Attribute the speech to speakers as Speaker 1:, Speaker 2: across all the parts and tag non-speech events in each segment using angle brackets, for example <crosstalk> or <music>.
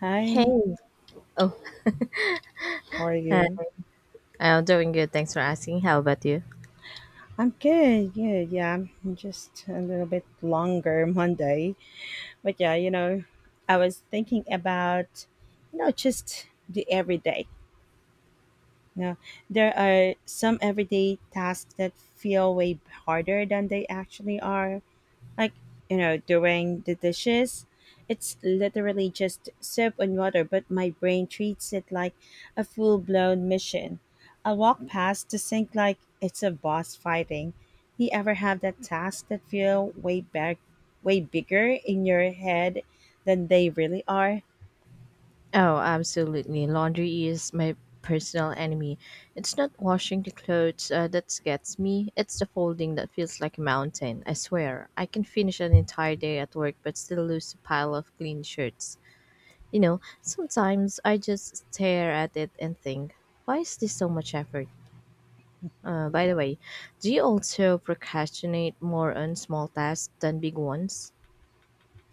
Speaker 1: Hi,
Speaker 2: Hey. Oh,
Speaker 1: how are
Speaker 2: hi.
Speaker 1: you?
Speaker 2: I'm doing good. Thanks for asking. How about you?
Speaker 1: I'm good, good. Yeah, I'm just a little bit longer <laughs> Monday. But yeah, I was thinking about, just the everyday. You know, there are some everyday tasks that feel way harder than they actually are. Like, doing the dishes, it's literally just soap and water, but my brain treats it like a full-blown mission. I walk past the sink like it's a boss fighting. Do you ever have that task that feel way bigger in your head than they really are?
Speaker 2: Oh, absolutely. Laundry is my personal enemy. It's not washing the clothes that gets me, it's the folding that feels like a mountain. I swear, I can finish an entire day at work but still lose a pile of clean shirts. You know, sometimes I just stare at it and think, why is this so much effort? By the way, do you also procrastinate more on small tasks than big ones?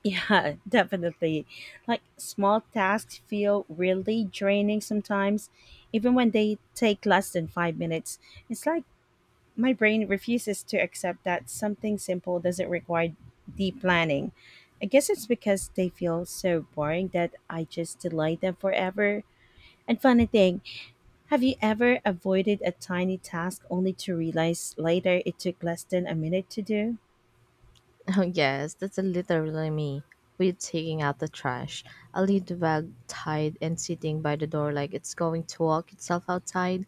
Speaker 1: Yeah, <laughs> definitely. Like, small tasks feel really draining sometimes, even when they take less than 5 minutes. It's like my brain refuses to accept that something simple doesn't require deep planning. I guess it's because they feel so boring that I just delay them forever. And funny thing, have you ever avoided a tiny task only to realize later it took less than a minute to do?
Speaker 2: Oh, yes, that's literally me. We're taking out the trash. A lead bag tied and sitting by the door like it's going to walk itself outside.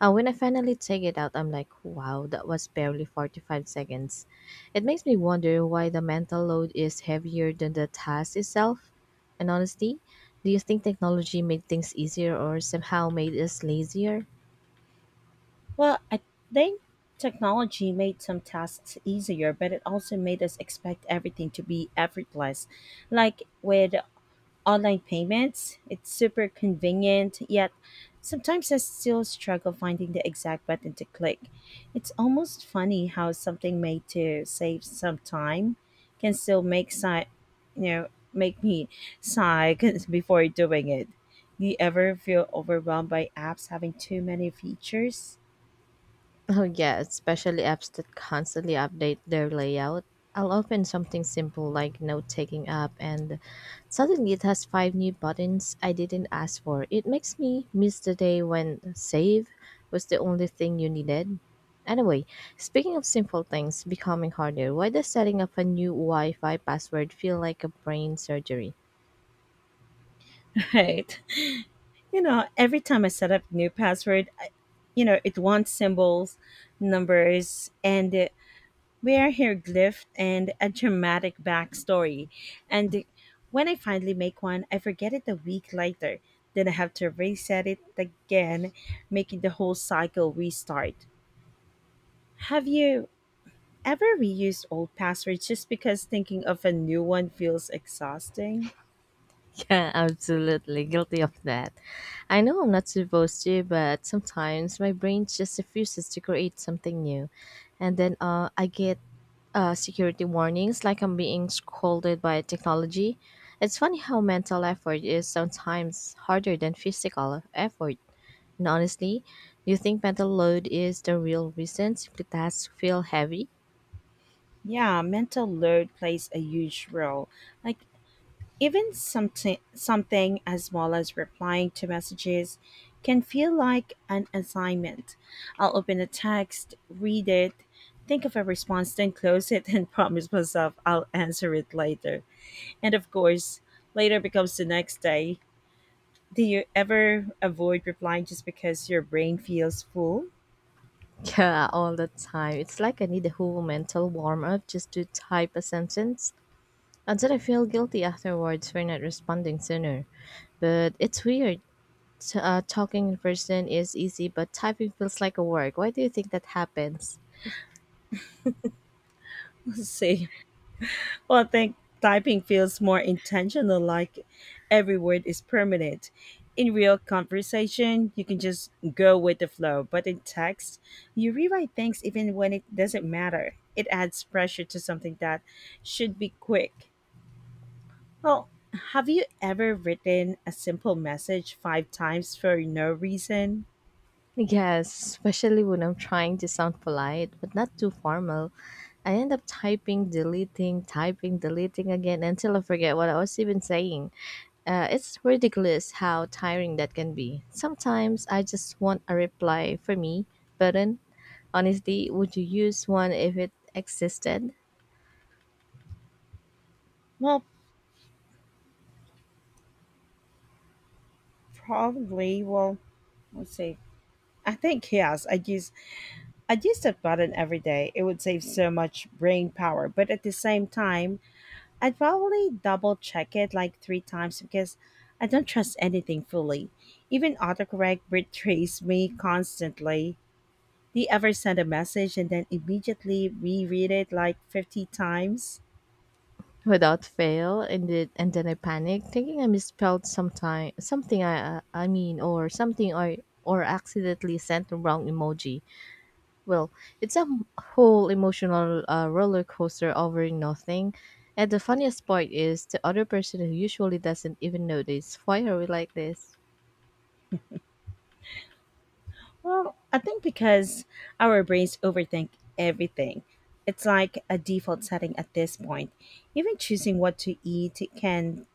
Speaker 2: And when I finally take it out, I'm like, wow, that was barely 45 seconds. It makes me wonder why the mental load is heavier than the task itself. And honestly, do you think technology made things easier or somehow made us lazier?
Speaker 1: Well, I think technology made some tasks easier, but it also made us expect everything to be effortless. Like with online payments. It's super convenient, yet sometimes I still struggle finding the exact button to click. It's almost funny how something made to save some time can still make you know, make me sigh <laughs> 'cause before doing it. Do you ever feel overwhelmed by apps having too many features?
Speaker 2: Oh yeah, especially apps that constantly update their layout. I'll open something simple like note-taking app and suddenly it has five new buttons I didn't ask for. It makes me miss the day when save was the only thing you needed. Anyway, speaking of simple things becoming harder, why does setting up a new Wi-Fi password feel like a brain surgery?
Speaker 1: Right. <laughs> You know, every time I set up new password, it wants symbols, numbers, and we are here, hieroglyphed and a dramatic backstory. And when I finally make one, I forget it a week later. Then I have to reset it again, making the whole cycle restart. Have you ever reused old passwords just because thinking of a new one feels exhausting?
Speaker 2: <laughs> Yeah, absolutely guilty of that. I know I'm not supposed to, but sometimes my brain just refuses to create something new. And then I get security warnings like I'm being scolded by technology. It's funny how mental effort is sometimes harder than physical effort. And honestly, do you think mental load is the real reason simply tasks feel heavy?
Speaker 1: Yeah, mental load plays a huge role. Like, even something as small as replying to messages can feel like an assignment. I'll open a text, read it, think of a response, then close it <laughs> and promise myself I'll answer it later. And of course, later becomes the next day. Do you ever avoid replying just because your brain feels full?
Speaker 2: <laughs> Yeah, all the time. It's like I need a whole mental warm up just to type a sentence. And then I didn't feel guilty afterwards for not responding sooner, but it's weird. Talking in person is easy, but typing feels like a work. Why do you think that happens?
Speaker 1: <laughs> So I think typing feels more intentional, like every word is permanent. In real conversation, you can just go with the flow, but in text, you rewrite things even when it doesn't matter. It adds pressure to something that should be quick. Well, have you ever written a simple message five times for no reason?
Speaker 2: Yes, especially when I'm trying to sound polite but not too formal. I end up typing, deleting again until I forget what I was even saying. It's ridiculous how tiring that can be. Sometimes I just want a reply for me button. Honestly, would you use one if it existed?
Speaker 1: Well, probably. Well, let's see. I think yes. I'd use that button every day. It would save so much brain power. But at the same time, I'd probably double check it like three times because I don't trust anything fully. Even autocorrect betrays me constantly. Do you ever send a message and then immediately reread it like 50 times?
Speaker 2: Without fail, and then I panic, thinking I misspelled sometime something I mean or something I or accidentally sent the wrong emoji. Well, it's a whole emotional roller coaster over nothing. And the funniest part is the other person who usually doesn't even notice. Why are we like this?
Speaker 1: Well, I think because our brains overthink everything. It's like a default setting at this point. Even choosing what to eat can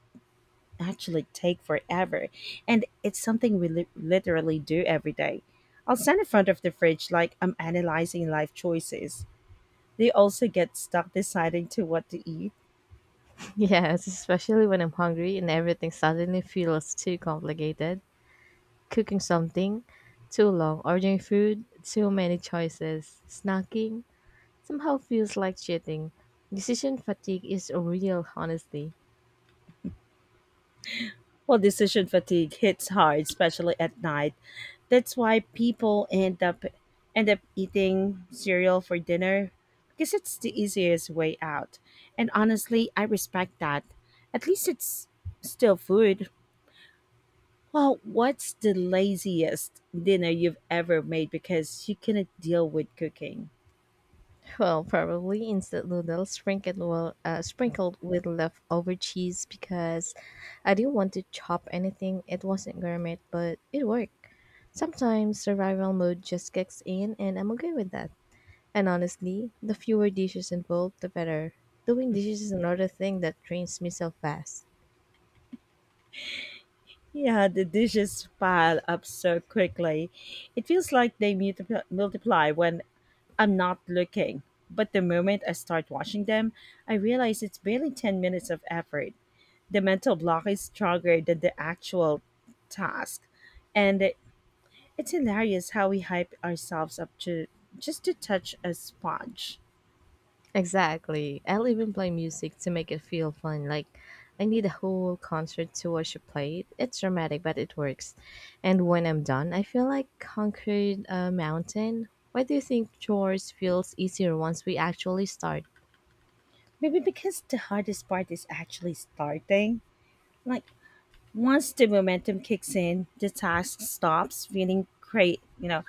Speaker 1: actually take forever, and it's something we literally do every day. I'll stand in front of the fridge like I'm analyzing life choices. They also get stuck deciding to what to eat.
Speaker 2: <laughs> Yes, especially when I'm hungry and everything suddenly feels too complicated. Cooking something, too long, ordering food, too many choices, snacking, somehow feels like cheating. Decision fatigue is real, honestly.
Speaker 1: Well, decision fatigue hits hard, especially at night. That's why people end up eating cereal for dinner because it's the easiest way out. And honestly, I respect that. At least it's still food. Well, what's the laziest dinner you've ever made because you couldn't deal with cooking?
Speaker 2: Well, probably instant noodles sprinkled sprinkled with leftover cheese because I didn't want to chop anything. It wasn't gourmet, but it worked. Sometimes survival mode just kicks in, and I'm okay with that. And honestly, the fewer dishes involved, the better. Doing dishes is another thing that drains me so fast.
Speaker 1: Yeah, the dishes pile up so quickly. It feels like they multiply when I'm not looking. But the moment I start washing them, I realize it's barely 10 minutes of effort. The mental block is stronger than the actual task. And it's hilarious how we hype ourselves up to just to touch a sponge.
Speaker 2: Exactly. I'll even play music to make it feel fun. Like, I need a whole concert to watch it played. It's dramatic, but it works. And when I'm done, I feel like conquered a mountain. Why do you think chores feels easier once we actually start?
Speaker 1: Maybe because the hardest part is actually starting. Like, once the momentum kicks in, the task stops feeling great,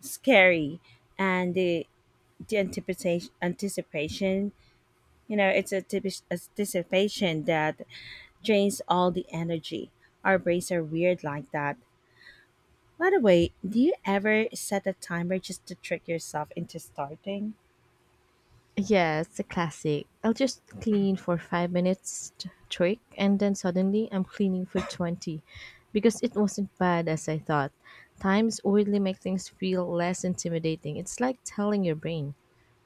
Speaker 1: scary, and the it's a typish anticipation that drains all the energy. Our brains are weird like that. By the way, do you ever set a timer just to trick yourself into starting?
Speaker 2: Yeah, it's a classic. I'll just clean for 5 minutes trick, and then suddenly I'm cleaning for 20 because it wasn't bad as I thought. Times weirdly make things feel less intimidating. It's like telling your brain,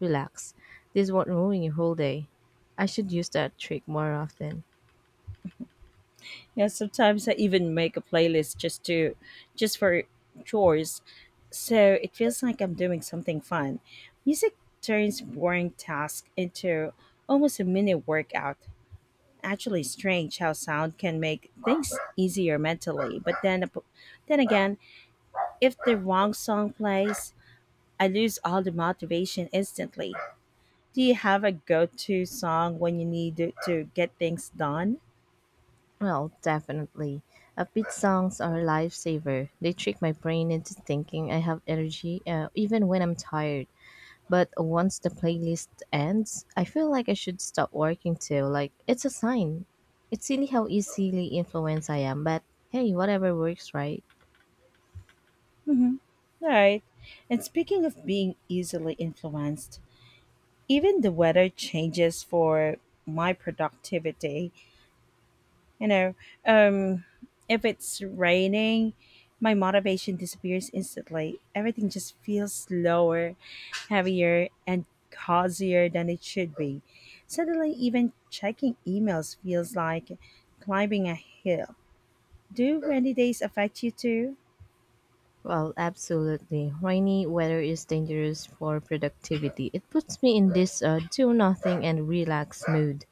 Speaker 2: relax, this won't ruin your whole day. I should use that trick more often.
Speaker 1: Yeah, sometimes I even make a playlist just for chores. So it feels like I'm doing something fun. Music turns boring tasks into almost a mini workout. Actually strange how sound can make things easier mentally, but then again, if the wrong song plays, I lose all the motivation instantly. Do you have a go-to song when you need to get things done?
Speaker 2: Well, definitely. Upbeat songs are a lifesaver. They trick my brain into thinking I have energy even when I'm tired. But once the playlist ends, I feel like I should stop working too. Like, it's a sign. It's silly how easily influenced I am, but hey, whatever works, right?
Speaker 1: Mhm. Right. And speaking of being easily influenced, even the weather changes for my productivity. You know, um, if it's raining, my motivation disappears instantly. Everything just feels slower, heavier, and cozier than it should be. Suddenly, even checking emails feels like climbing a hill. Do rainy days affect you too?
Speaker 2: Well, absolutely. Rainy weather is dangerous for productivity. It puts me in this do nothing and relax mood.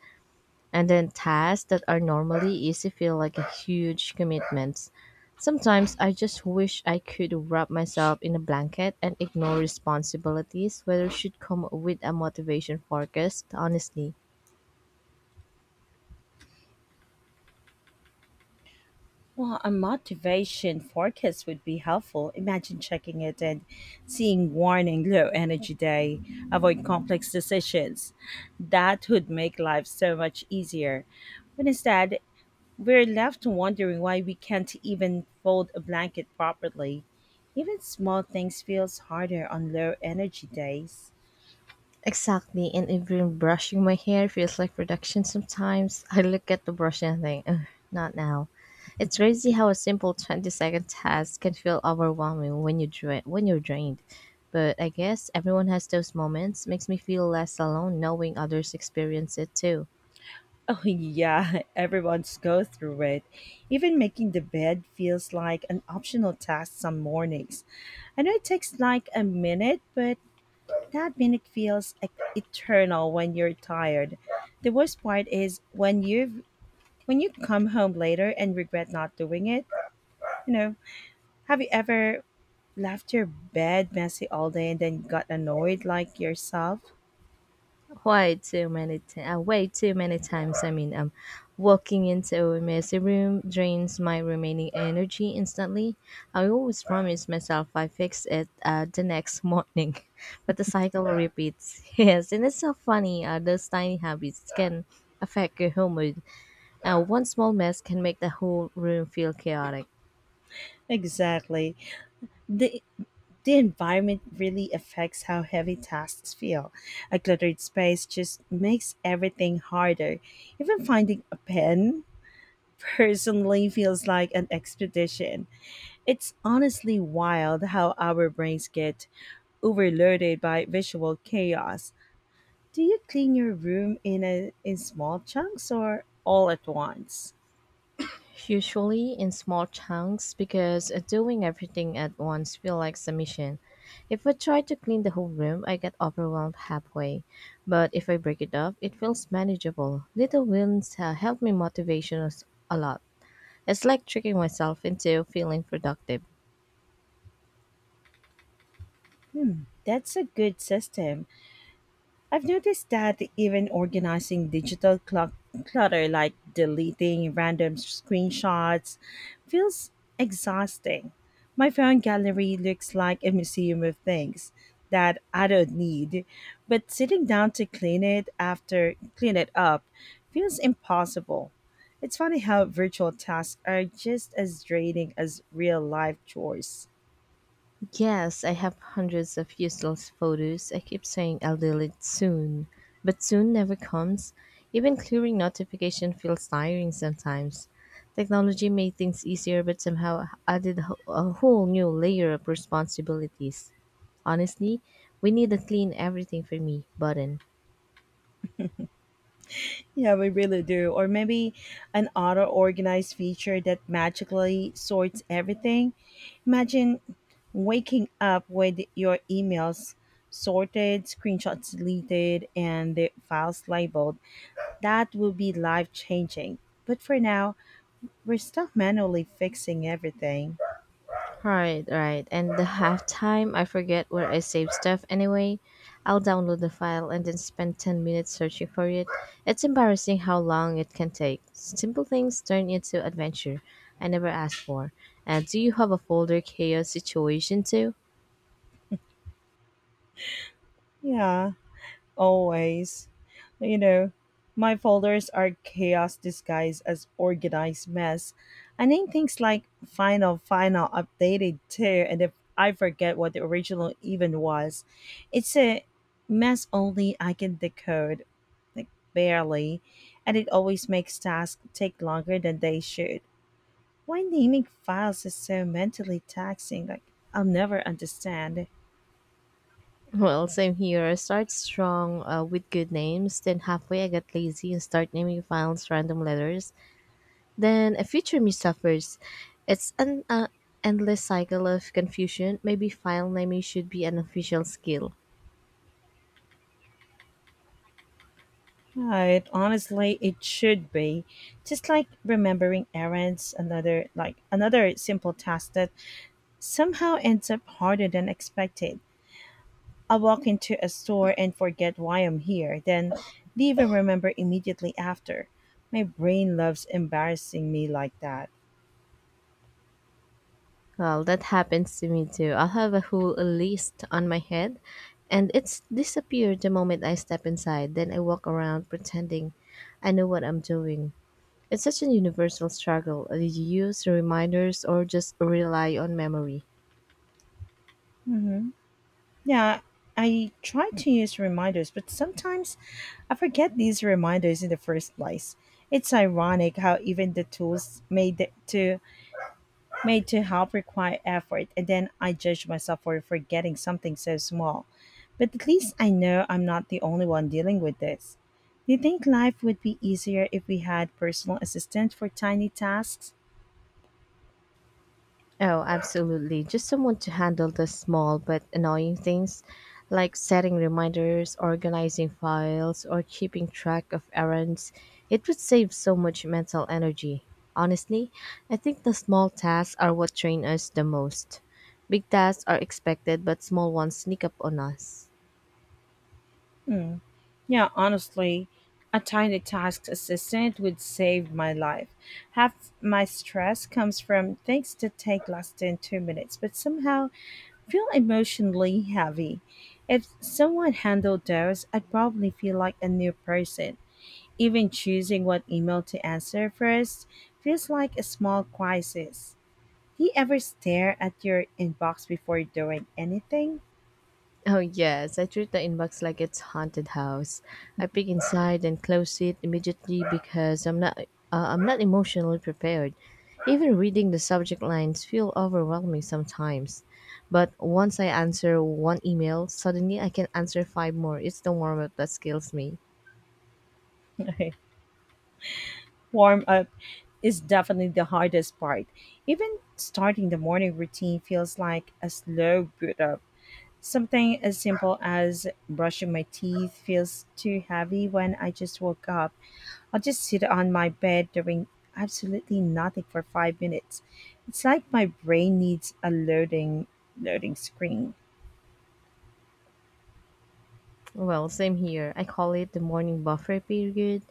Speaker 2: And then tasks that are normally easy feel like a huge commitments. Sometimes I just wish I could wrap myself in a blanket and ignore responsibilities, whether should come with a motivation forecast, honestly.
Speaker 1: Well, a motivation forecast would be helpful. Imagine checking it and seeing warning low energy day, avoid complex decisions. That would make life so much easier. But instead, we're left wondering why we can't even fold a blanket properly. Even small things feels harder on low energy days.
Speaker 2: Exactly, and even brushing my hair feels like production sometimes. <laughs> I look at the brush and think, "Ugh, not now. It's crazy how a simple 20-second task can feel overwhelming when when you're drained. But I guess everyone has those moments. Makes me feel less alone knowing others experience it too.
Speaker 1: Oh yeah, <laughs> everyone's go through it. Even making the bed feels like an optional task some mornings. I know it takes like a minute, but that minute feels like eternal when you're tired. The worst part is when you come home later and regret not doing it. You know, have you ever left your bed messy all day and then got annoyed like yourself?
Speaker 2: Way too many times I mean, walking into a messy room drains my remaining energy instantly. I always promise myself I fix it the next morning. <laughs> But the cycle repeats. <laughs> Yes, and it's so funny, those tiny habits can affect your whole mood. One small mess can make the whole room feel chaotic.
Speaker 1: Exactly. The The environment really affects how heavy tasks feel. A cluttered space just makes everything harder. Even finding a pen <laughs> personally feels like an expedition. It's honestly wild how our brains get overloaded by visual chaos. Do you clean your room in small chunks or all at once?
Speaker 2: Usually in small chunks because doing everything at once feels like submission. If I try to clean the whole room, I get overwhelmed halfway. But if I break it up, it feels manageable. Little wins help me motivation us a lot. It's like tricking myself into feeling productive.
Speaker 1: That's a good system. I've noticed that even organizing digital clutter, like deleting random screenshots, feels exhausting. My phone gallery looks like a museum of things that I don't need, but sitting down to clean it up feels impossible. It's funny how virtual tasks are just as draining as real life chores.
Speaker 2: Yes, I have hundreds of useless photos. I keep saying I'll delete soon, but soon never comes. Even clearing notification feels tiring sometimes. Technology made things easier, but somehow added a whole new layer of responsibilities. Honestly, we need a clean everything for me button.
Speaker 1: Yeah, we really do. Or maybe an auto organized feature that magically sorts everything. Imagine waking up with your emails sorted, screenshots deleted, and the files labeled. That would be life changing. But for now, we're stuck manually fixing everything.
Speaker 2: Right, right. And the halftime, I forget where I save stuff anyway. I'll download the file and then spend 10 minutes searching for it. It's embarrassing how long it can take. Simple things turn into adventure I never asked for. And do you have a folder chaos situation too? <laughs>
Speaker 1: Yeah. Always. You know, my folders are chaos disguised as organized mess. I name things like final, final, updated too, and if I forget what the original even was, it's a mess only I can decode, like barely, and it always makes tasks take longer than they should. Why naming files is so mentally taxing, like, I'll never understand.
Speaker 2: Well, same here. I start strong with good names, then halfway I get lazy and start naming files random letters. Then a future me suffers. It's an endless cycle of confusion. Maybe file naming should be an official skill.
Speaker 1: Right. Honestly, it should be. Just like remembering errands, another simple task that somehow ends up harder than expected. I walk into a store and forget why I'm here, then leave and remember immediately after. My brain loves embarrassing me like that.
Speaker 2: Well, that happens to me too. I'll have a whole list on my head and it's disappeared the moment I step inside. Then I walk around pretending I know what I'm doing. It's such a universal struggle. Did you use reminders or just rely on memory?
Speaker 1: Yeah, I try to use reminders, but sometimes I forget these reminders in the first place. It's ironic how even the tools made to help require effort, and then I judge myself for forgetting something so small. But at least I know I'm not the only one dealing with this. Do you think life would be easier if we had personal assistants for tiny tasks?
Speaker 2: Oh, absolutely. Just someone to handle the small but annoying things like setting reminders, organizing files, or keeping track of errands. It would save so much mental energy. Honestly, I think the small tasks are what train us the most. Big tasks are expected, but small ones sneak up on us.
Speaker 1: Yeah, honestly, a tiny task assistant would save my life. Half my stress comes from things that take less than 2 minutes, but somehow feel emotionally heavy. If someone handled those, I'd probably feel like a new person. Even choosing what email to answer first feels like a small crisis. Do you ever stare at your inbox before doing anything?
Speaker 2: Oh, yes, I treat the inbox like it's haunted house. I peek inside and close it immediately because I'm not emotionally prepared. Even reading the subject lines feel overwhelming sometimes. But once I answer one email, suddenly I can answer five more. It's the warm-up that skills me.
Speaker 1: <laughs> Warm up is definitely the hardest part. Even starting the morning routine feels like a slow boot up. Something as simple as brushing my teeth feels too heavy when I just woke up. I'll just sit on my bed doing absolutely nothing for 5 minutes. It's like my brain needs a loading screen.
Speaker 2: Well, same here. I call it the morning buffer period.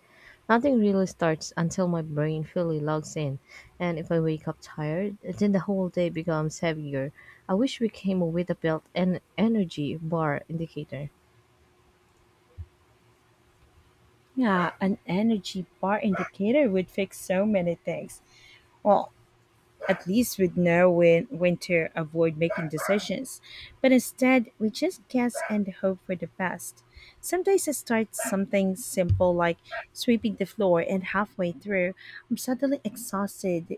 Speaker 2: Nothing really starts until my brain fully logs in, and if I wake up tired, then the whole day becomes heavier. I wish we came with a built-in energy bar indicator.
Speaker 1: Yeah, an energy bar indicator would fix so many things. Well, at least we'd know when to avoid making decisions. But instead, we just guess and hope for the best. Sometimes I start something simple like sweeping the floor, and halfway through, I'm suddenly exhausted.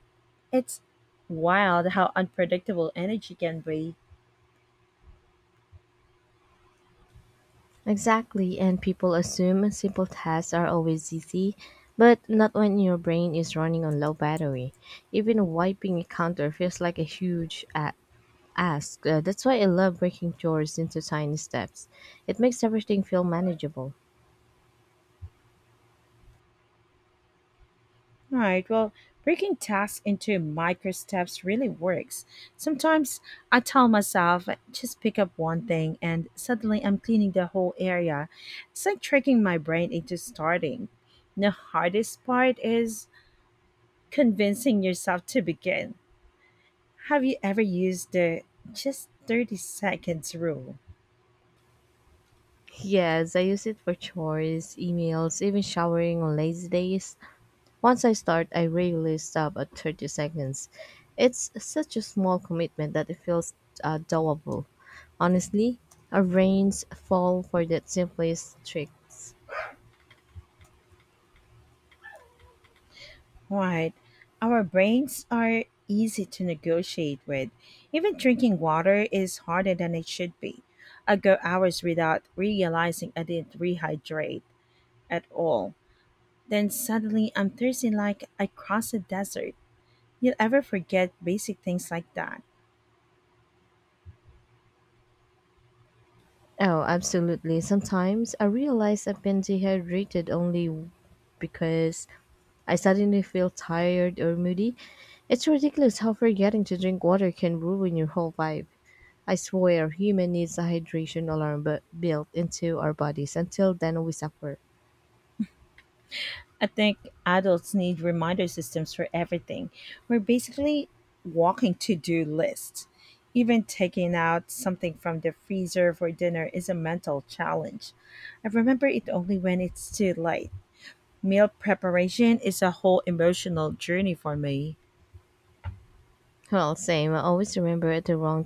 Speaker 1: It's wild how unpredictable energy can be.
Speaker 2: Exactly, and people assume simple tasks are always easy, but not when your brain is running on low battery. Even wiping a counter feels like a huge ask. That's why I love breaking chores into tiny steps. It makes everything feel manageable.
Speaker 1: All right. Well, breaking tasks into micro steps really works. Sometimes I tell myself, just pick up one thing, and suddenly I'm cleaning the whole area. It's like tricking my brain into starting. The hardest part is convincing yourself to begin. Have you ever used the just 30 seconds rule?
Speaker 2: Yes, I use it for chores, emails, even showering on lazy days. Once I start, I rarely stop at 30 seconds. It's such a small commitment that it feels doable. Honestly, our brains fall for that simplest tricks.
Speaker 1: Right. Our brains are easy to negotiate with. Even drinking water is harder than it should be. I go hours without realizing I didn't rehydrate at all. Then suddenly I'm thirsty like I crossed a desert. You'll ever forget basic things like that.
Speaker 2: Oh, absolutely. Sometimes I realize I've been dehydrated only because I suddenly feel tired or moody. It's ridiculous how forgetting to drink water can ruin your whole vibe. I swear, human needs a hydration alarm but built into our bodies. Until then, we suffer.
Speaker 1: I think adults need reminder systems for everything. We're basically walking to do lists. Even taking out something from the freezer for dinner is a mental challenge. I remember it only when it's too late. Meal preparation is a whole emotional journey for me.
Speaker 2: Well, same. I always remember at the wrong